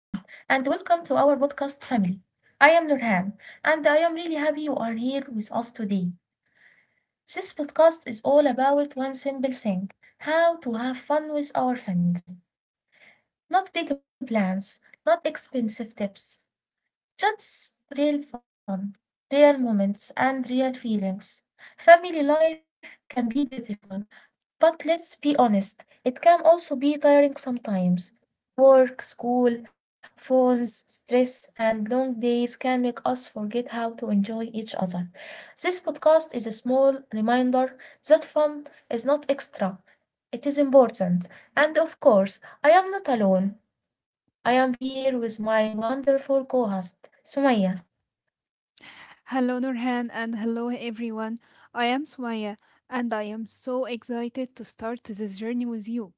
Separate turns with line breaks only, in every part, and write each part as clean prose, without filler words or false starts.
Hello, everyone, and welcome to our podcast family. I am Nurhan, and I am really happy you are here with us today. This podcast is all about one simple thing, how to have fun with our family. Not big plans, not expensive tips, just real fun, real moments, and real feelings. Family life can be beautiful, but let's be honest, it can also be tiring sometimes. Work, school, phones, stress, and long days can make us forget how to enjoy each other. This podcast is a small reminder that fun is not extra, it is important. And of course, I am not alone. I am here with my wonderful co host, Sumaya.
Hello, Nurhan, and hello, everyone. I am Sumaya, and I am so excited to start this journey with you.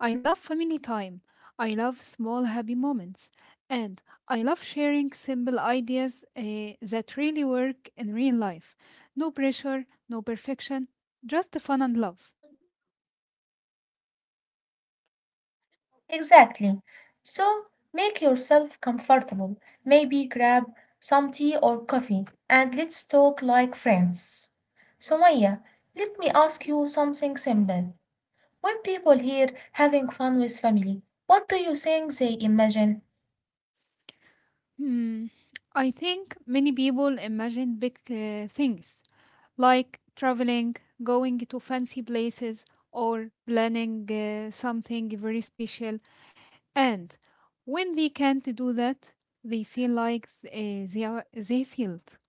I love family time, I love small happy moments, and I love sharing simple ideas that really work in real life. No pressure, no perfection, just the fun and love.
Exactly. So make yourself comfortable. Maybe grab some tea or coffee and let's talk like friends. Sumaya, let me ask you something simple. When people hear having fun with family, what do you think they imagine?
Hmm, I think many people imagine big things like traveling, going to fancy places, or planning something very special. And when they can't do that, they feel like they failed.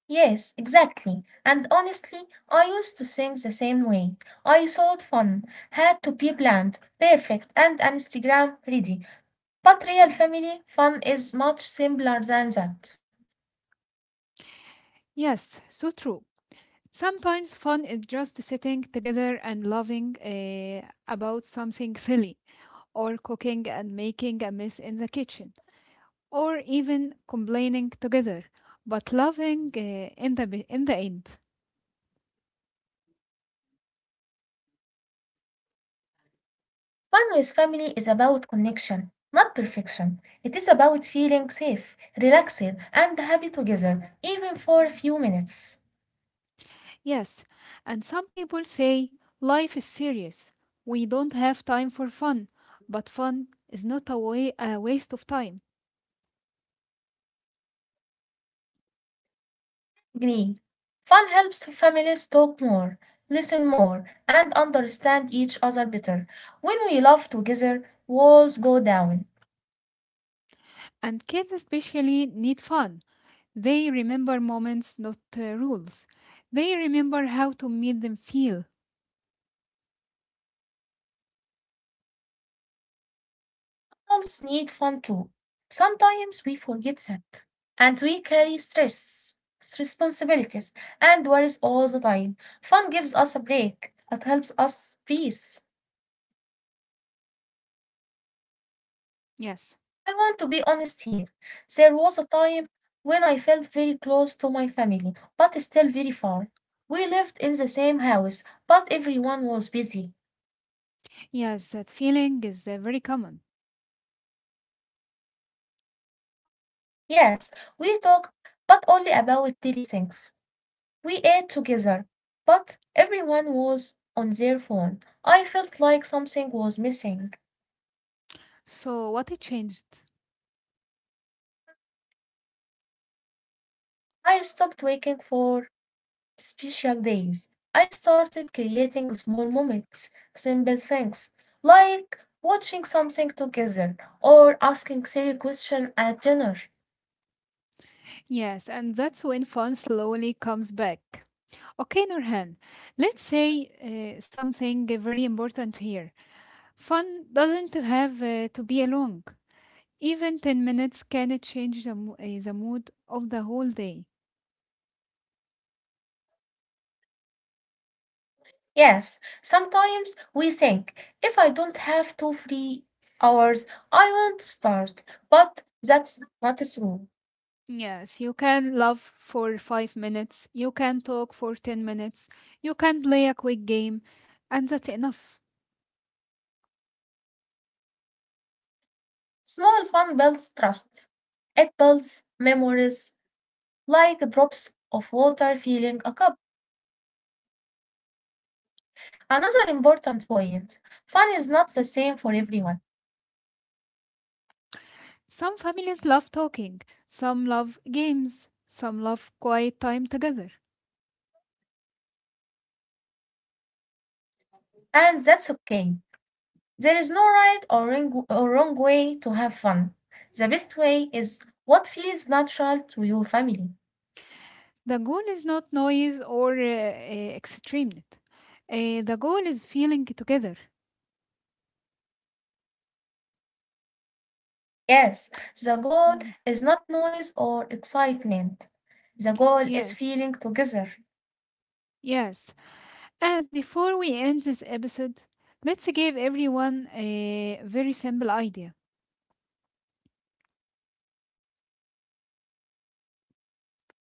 Yes, exactly. And honestly, I used to think the same way. I thought fun had to be planned, perfect, and Instagram ready. But real family fun is much simpler than that.
Yes, so true. Sometimes fun is just sitting together and laughing about something silly, or cooking and making a mess in the kitchen, or even complaining together, but loving in the end.
Fun with family is about connection, not perfection. It is about feeling safe, relaxed, and happy together, even for a few minutes.
Yes, and some people say life is serious. We don't have time for fun, but fun is not a waste of time.
Agree. Fun helps families talk more, listen more, and understand each other better. When we laugh together, walls go down.
And kids especially need fun. They remember moments, not rules. They remember how to make them feel.
Animals need fun too. Sometimes we forget that, and we carry stress, responsibilities, and worries all the time. Fun gives us a break, it helps us breathe.
Yes,
I want to be honest here. There was a time when I felt very close to my family, but still very far. We lived in the same house, but everyone was busy.
yes, that feeling is very common.
Yes, we talked, but only about daily things. We ate together, but everyone was on their phone. I felt like something was missing.
So, what it changed?
I stopped waiting for special days. I started creating small moments, simple things, like watching something together or asking silly questions at dinner.
Yes, and that's when fun slowly comes back. Okay, Nurhan, let's say something very important here. Fun doesn't have to be long. Even 10 minutes can change the mood of the whole day.
Yes, sometimes we think if I don't have two free hours, I won't start, but that's not true.
Yes, you can love for 5 minutes, you can talk for 10 minutes, you can play a quick game, and that's enough.
Small fun builds trust. It builds memories like drops of water filling a cup. Another important point, fun is not the same for everyone,
Some families love talking, some love games, some love quiet time together.
and that's okay. There is no right or wrong, way to have fun. The best way is what feels natural to your family.
The goal is not noise or extreme. The goal is feeling together.
Yes, the goal
Mm,
is not noise or excitement. The goal is
Yes,
feeling together.
yes. And before we end this episode, let's give everyone a very simple idea.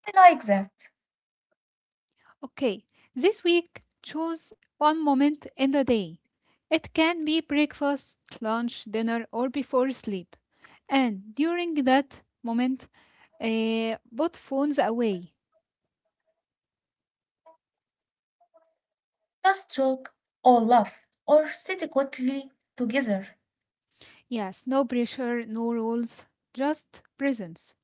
I like that.
Okay, this week choose one moment in the day. It can be breakfast, lunch, dinner, or before sleep. And during that moment, put phones away.
Just talk or laugh or sit quietly together.
Yes, no pressure, no rules, just presence.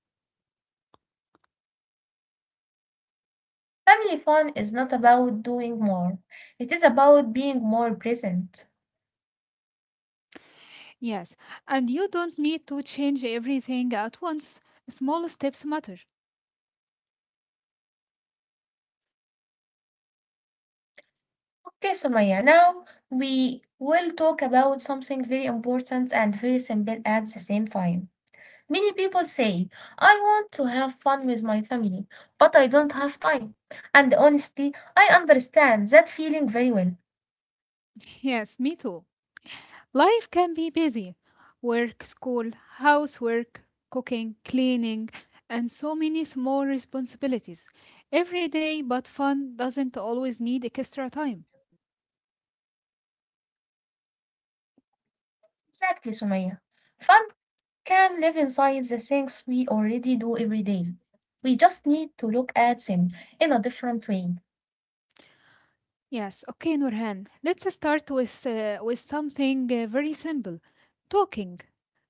Family fun is not about doing more, it is about being more present.
Yes, and you don't need to change everything at once. Small steps matter.
Okay, Sumaya, now we will talk about something very important and very simple at the same time. Many people say, I want to have fun with my family, but I don't have time. And honestly, I understand that feeling very well.
Yes, me too. Life can be busy work, school, housework, cooking, cleaning, and so many small responsibilities every day, but fun doesn't always need extra time.
Exactly, Sumaya. Fun can live inside the things we already do every day. We just need to look at them in a different way.
Yes, okay, Nurhan, let's start with something very simple talking,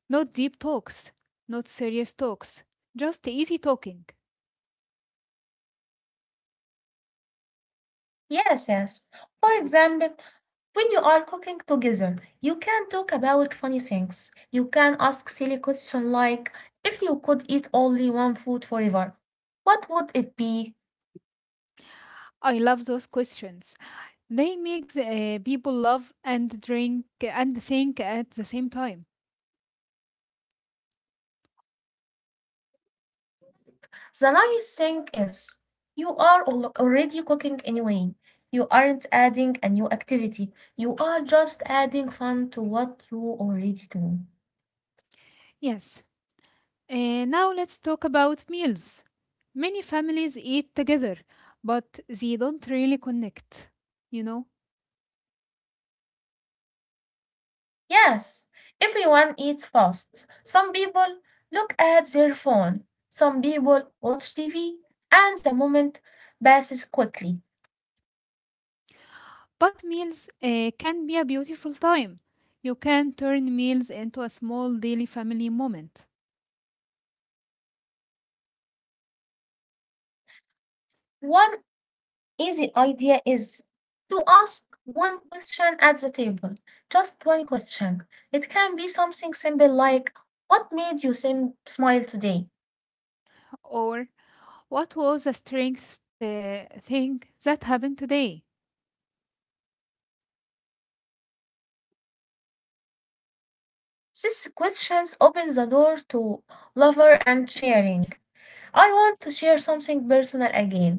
not deep talks, not serious talks, just easy talking.
Yes, yes. For example, when you are cooking together, you can talk about funny things. You can ask silly questions like, if you could eat only one food forever, what would it be?
I love those questions. They make people love and drink and think at the same time.
The nice thing is, you are already cooking anyway. You aren't adding a new activity. You are just adding fun to what you already do.
Yes. Now let's talk about meals. Many families eat together, but they don't really connect, you know.
Yes, everyone eats fast. Some people look at their phone. Some people watch TV, and the moment passes quickly.
But meals can be a beautiful time. You can turn meals into a small daily family moment.
One easy idea is to ask one question at the table, just one question. It can be something simple like, what made you smile today?
Or what was the strangest thing that happened today?
These questions open the door to lover and sharing. I want to share something personal again.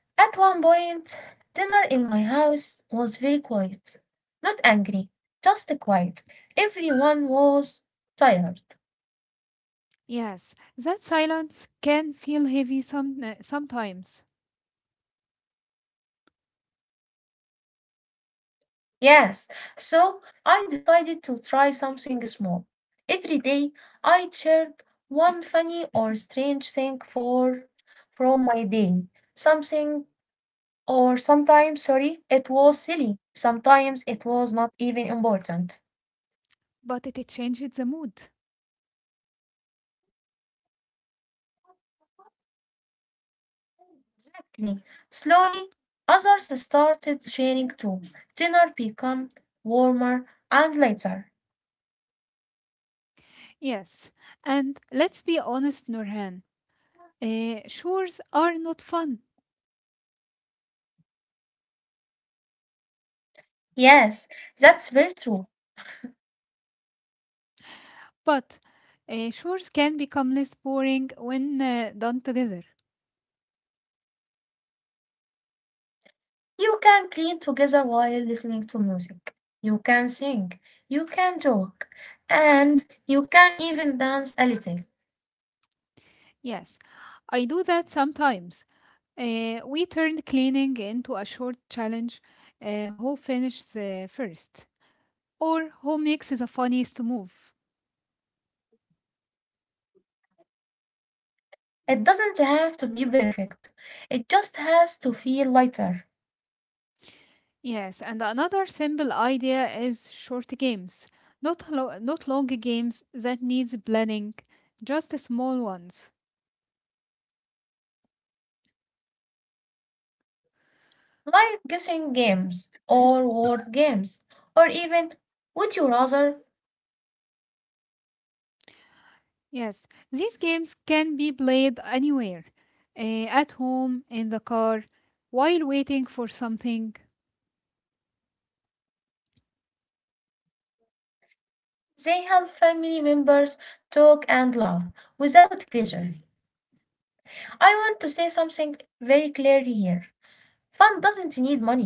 At one point, dinner in my house was very quiet. Not angry, just quiet. Everyone was tired.
Yes, that silence can feel heavy sometimes,
Yes, so I decided to try something small. Every day I shared one funny or strange thing for from my day. Something or sometimes, sorry, it was silly. Sometimes it was not even important.
but it changes the mood.
Exactly. Slowly, others started sharing too. Dinner became warmer and later.
Yes, and let's be honest, Nurhan. Chores are not fun,
Yes, that's very true.
but chores can become less boring when done together.
You can clean together while listening to music. You can sing. You can joke. And you can even dance a little.
Yes, I do that sometimes. We turned cleaning into a short challenge who finishes first or who makes the funniest move.
It doesn't have to be perfect. It just has to feel lighter.
Yes, and another simple idea is short games, not long games that needs planning, just small ones.
Like guessing games or word games or even would you rather?
Yes, these games can be played anywhere, at home, in the car, while waiting for something.
They help family members talk and laugh without pressure. I want to say something very clearly here. Fun doesn't need money.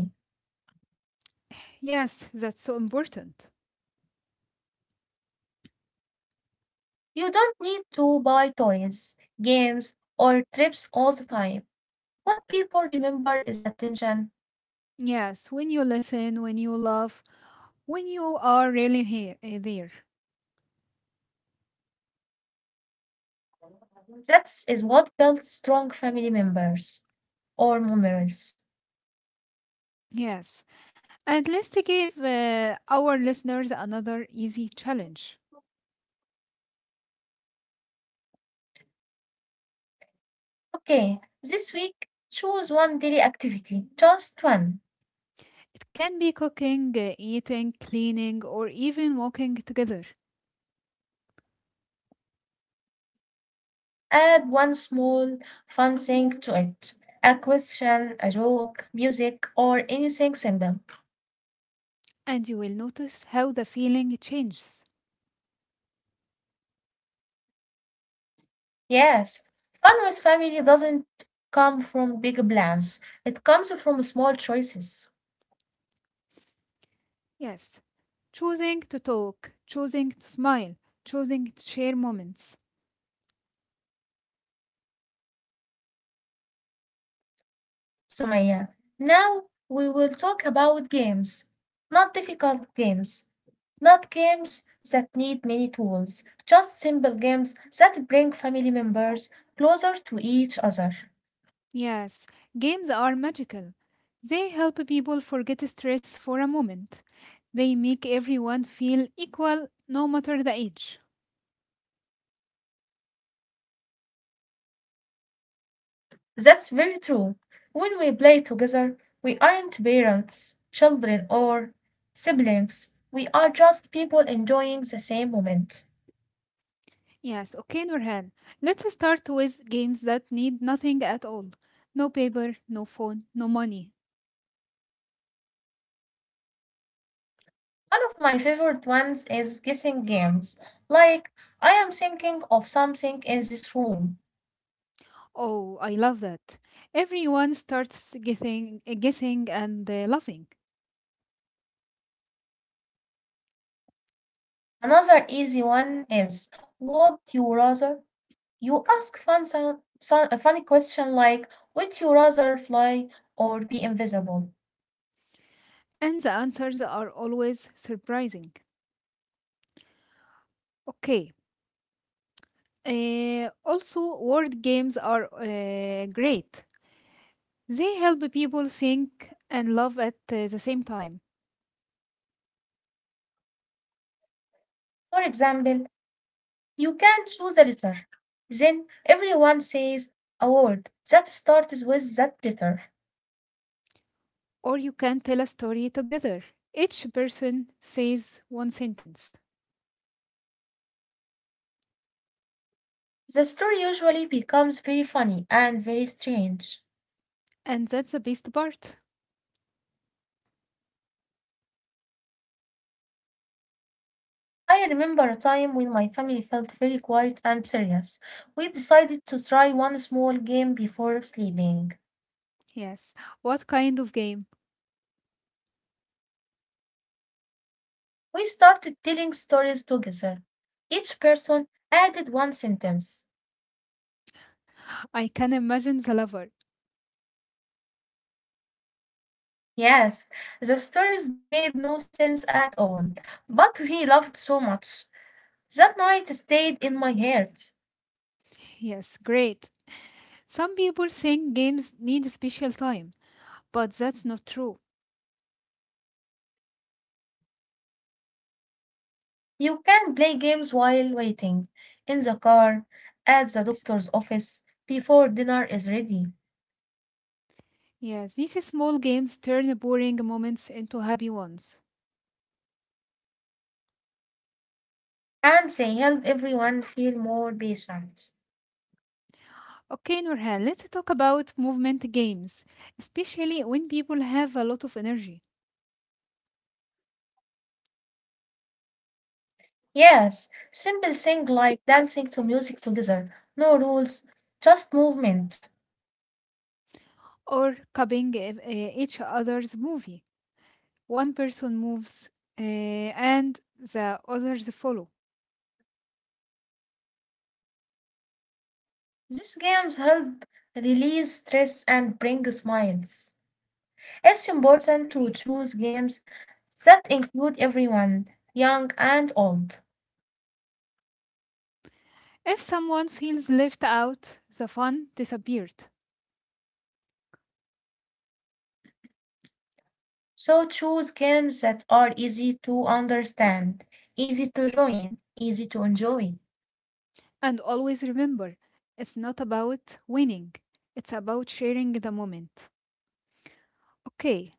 Yes, that's so important.
You don't need to buy toys, games, or trips all the time. What people remember is attention.
Yes, when you listen, when you love, when you are really here, there.
That is what builds strong family members or memories.
Yes, and let's to give our listeners another easy challenge.
Okay, this week choose one daily activity, just one.
It can be cooking, eating, cleaning, or even walking together,
Add one small fun thing to it. A question, a joke, music, or anything simple.
and you will notice how the feeling changes.
Yes, fun with family doesn't come from big plans. It comes from small choices.
Yes. Choosing to talk, choosing to smile, choosing to share moments.
Sumaya. Now we will talk about games, not difficult games, not games that need many tools, just simple games that bring family members closer to each other.
Yes, games are magical. They help people forget stress for a moment. They make everyone feel equal no matter the age.
That's very true. When we play together, we aren't parents, children, or siblings. We are just people enjoying the same moment.
Yes, okay, Nurhan. Let's start with games that need nothing at all. No paper, no phone, no money.
One of my favorite ones is guessing games. Like, I am thinking of something in this room.
Oh, I love that. Everyone starts guessing and laughing.
Another easy one is would you rather? You ask a funny question like would you rather fly or be invisible?
And the answers are always surprising. Okay. Also, word games are great. They help people think and love at the same time.
For example, you can choose a letter. Then everyone says a word that starts with that letter.
Or you can tell a story together. Each person says one sentence.
The story usually becomes very funny and very strange.
And that's the best part.
I remember a time when my family felt very quiet and serious. We decided to try one small game before sleeping.
Yes. What kind of game?
We started telling stories together. Each person added one sentence.
I can imagine the lover.
Yes, the stories made no sense at all, but we laughed so much. That night stayed in my heart.
Yes, great. Some people think games need special time, but that's not true.
You can play games while waiting, in the car, at the doctor's office, before dinner is ready,
Yes, these small games turn boring moments into happy ones.
and they help everyone feel more patient.
Okay, Nurhan, let's talk about movement games, especially when people have a lot of energy
Yes, simple things like dancing to music together, no rules, just movement.
or copying each other's movie. One person moves and the others follow.
These games help release stress and bring smiles. It's important to choose games that include everyone, young and old.
If someone feels left out, the fun disappeared.
So choose games that are easy to understand, easy to join, easy to enjoy.
And always remember, it's not about winning, it's about sharing the moment. Okay,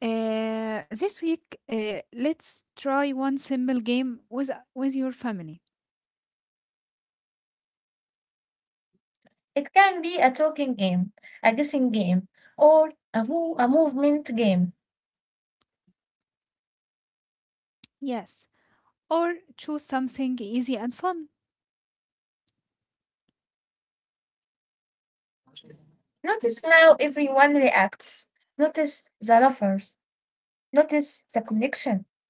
This week, let's try one simple game with your family.
It can be a talking game, a guessing game, or a a movement game.
Yes, or choose something easy and fun.
Notice how everyone reacts. Notice the lovers. Notice the connection.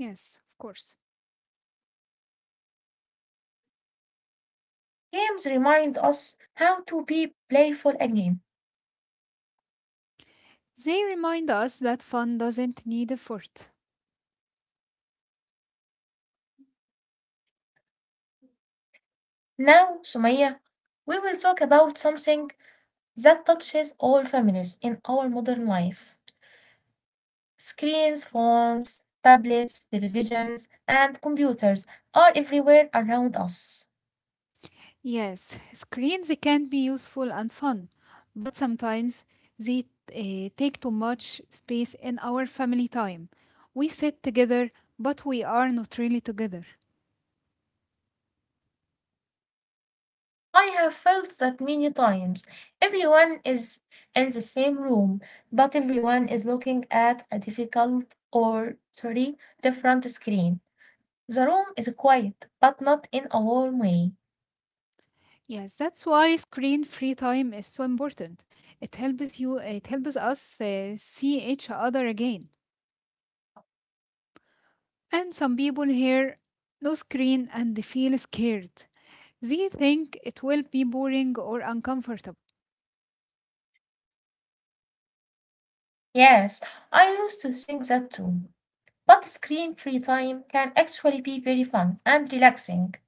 Yes, of course.
Games remind us how to be playful again.
They remind us that fun doesn't need effort.
Now, Sumaya, we will talk about something that touches all families in our modern life. Screens, phones, tablets, televisions, and computers are everywhere around us.
Yes, screens can be useful and fun, but sometimes they take too much space in our family time. We sit together, but we are not really together.
I have felt that many times. Everyone is in the same room, but everyone is looking at a different screen. The room is quiet, but not in a warm way.
Yes, that's why screen-free time is so important. It helps us see each other again. And some people hear no screen and they feel scared. They think it will be boring or uncomfortable.
Yes, I used to think that too. But screen free time can actually be very fun and relaxing,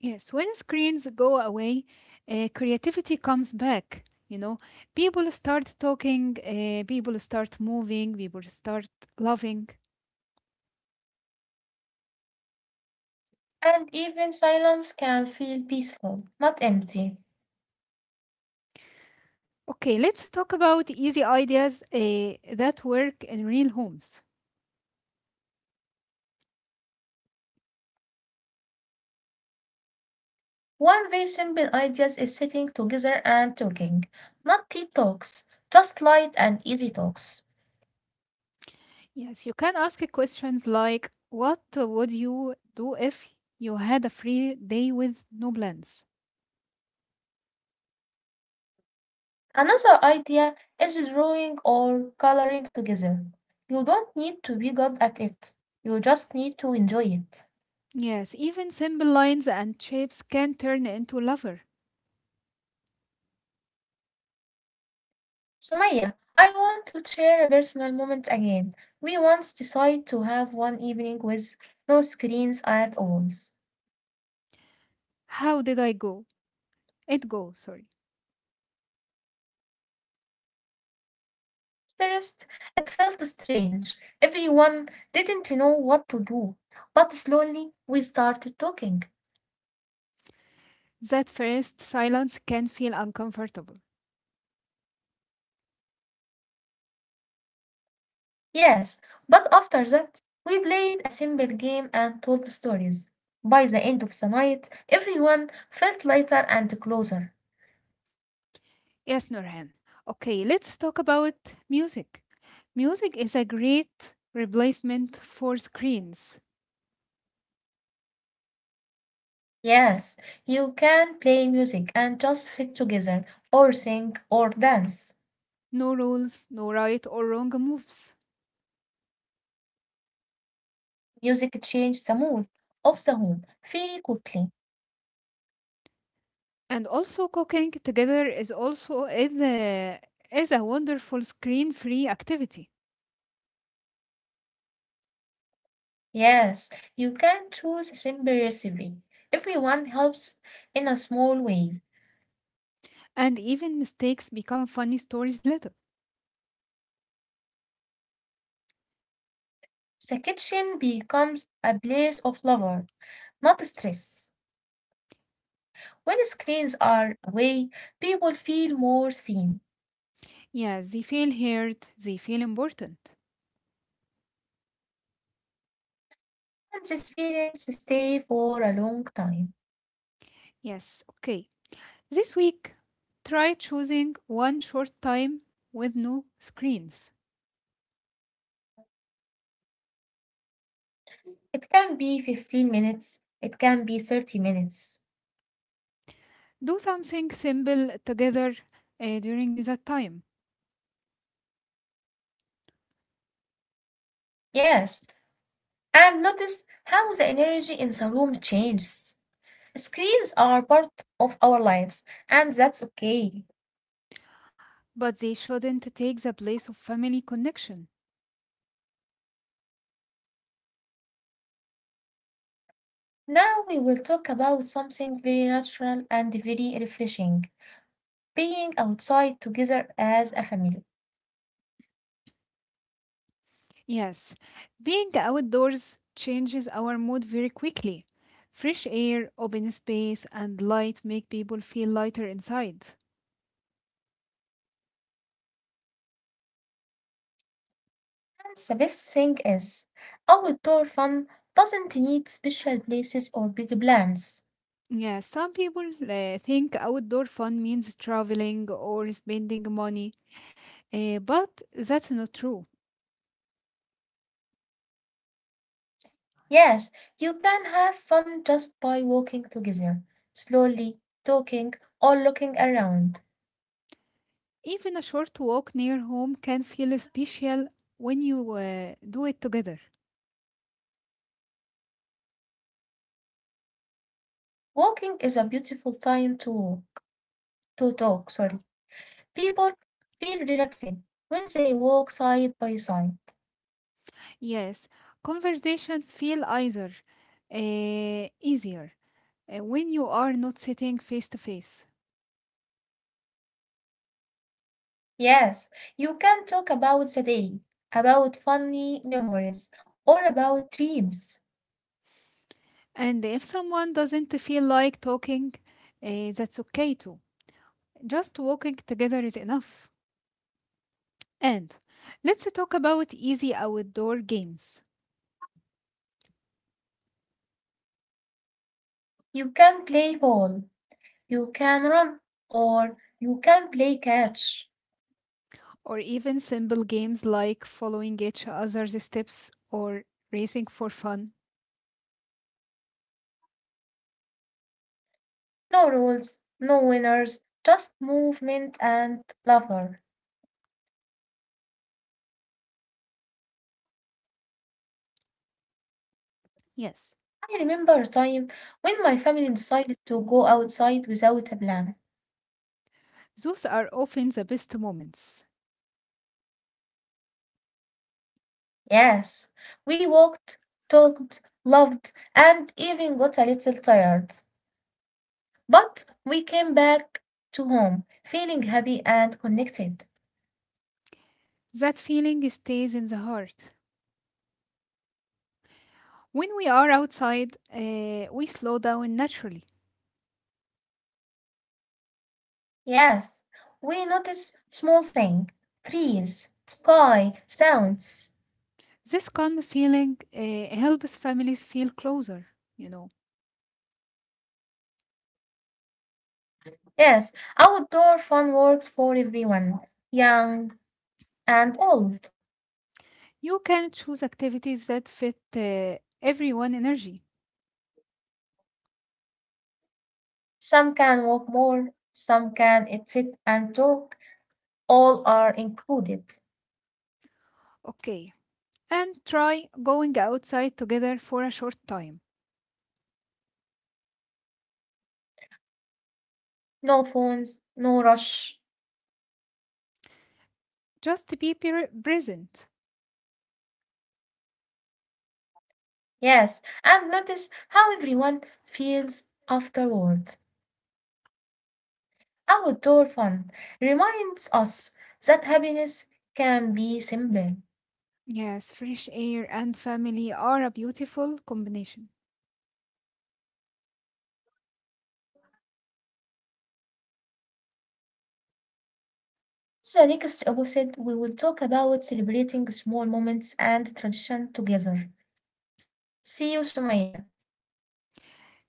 Yes, when screens go away, creativity comes back. You know, people start talking, people start moving, people start loving.
and even silence can feel peaceful, not empty.
Okay, let's talk about easy ideas that work in real homes.
One very simple idea is sitting together and talking, not deep talks, just light and easy talks.
Yes, you can ask questions like, what would you do if you had a free day with no plans?
Another idea is drawing or coloring together. You don't need to be good at it, you just need to enjoy it.
Yes, even simple lines and shapes can turn into lover.
So Maya, I want to share a personal moment again. We once decided to have one evening with no screens at all.
How did I go? It go, sorry.
First, it felt strange. Everyone didn't know what to do. But slowly, we started talking.
That first silence can feel uncomfortable.
Yes, but after that, we played a simple game and told stories. By the end of the night, everyone felt lighter and closer.
Yes, Nurhan. Okay, let's talk about music. Music is a great replacement for screens.
Yes, you can play music and just sit together or sing or dance.
No rules, no right or wrong moves.
Music changes the mood of the home very quickly.
And also cooking together is also is a wonderful screen-free activity.
Yes, you can choose a simple recipe. Everyone helps in a small way.
And even mistakes become funny stories later.
The kitchen becomes a place of love, not stress. When screens are away, people feel more seen,
Yeah, they feel heard, they feel important.
and these feelings stay for a long time.
Yes, okay. This week, try choosing one short time with no screens.
It can be 15 minutes, it can be 30 minutes.
Do something simple together during that time,
Yes, and notice how the energy in the room changes. Screens are part of our lives, and that's okay.
but they shouldn't take the place of family connection.
Now we will talk about something very natural and very refreshing, being outside together as a family.
Yes, being outdoors changes our mood very quickly. Fresh air, open space, and light make people feel lighter inside.
And the best thing is, outdoor fun doesn't need special places or big plans.
Yeah, some people think outdoor fun means traveling or spending money, but that's not true.
Yes, you can have fun just by walking together, slowly talking or looking around.
Even a short walk near home can feel special when you do it together.
Walking is a beautiful time to talk. Sorry. People feel relaxing when they walk side by side.
Yes, conversations feel either easier when you are not sitting face to face.
Yes, you can talk about the day, about funny memories, or about dreams.
And if someone doesn't feel like talking, that's okay too. Just walking together is enough. And let's talk about easy outdoor games
You can play ball, you can run, or you can play catch.
or even simple games like following each other's steps or racing for fun.
No rules, no winners, just movement and lover.
Yes,
I remember a time when my family decided to go outside without a plan.
those are often the best moments.
Yes, we walked, talked, loved, and even got a little tired. But we came back to home feeling happy and connected.
That feeling stays in the heart. When we are outside, we slow down naturally.
Yes, we notice small things, trees, sky, sounds.
This calm feeling helps families feel closer, you know.
Yes, outdoor fun works for everyone, young and old.
You can choose activities that fit everyone energy.
Some can walk more, some can sit and talk. All are included.
Okay. And try going outside together for a short time.
No phones, no rush.
Just present.
Yes, and notice how everyone feels afterward. Outdoor fun reminds us that happiness can be simple.
Yes, fresh air and family are a beautiful combination.
The next episode, we will talk about celebrating small moments and tradition together. See you, Sumaya.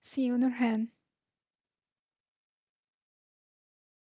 See you, Nurhan.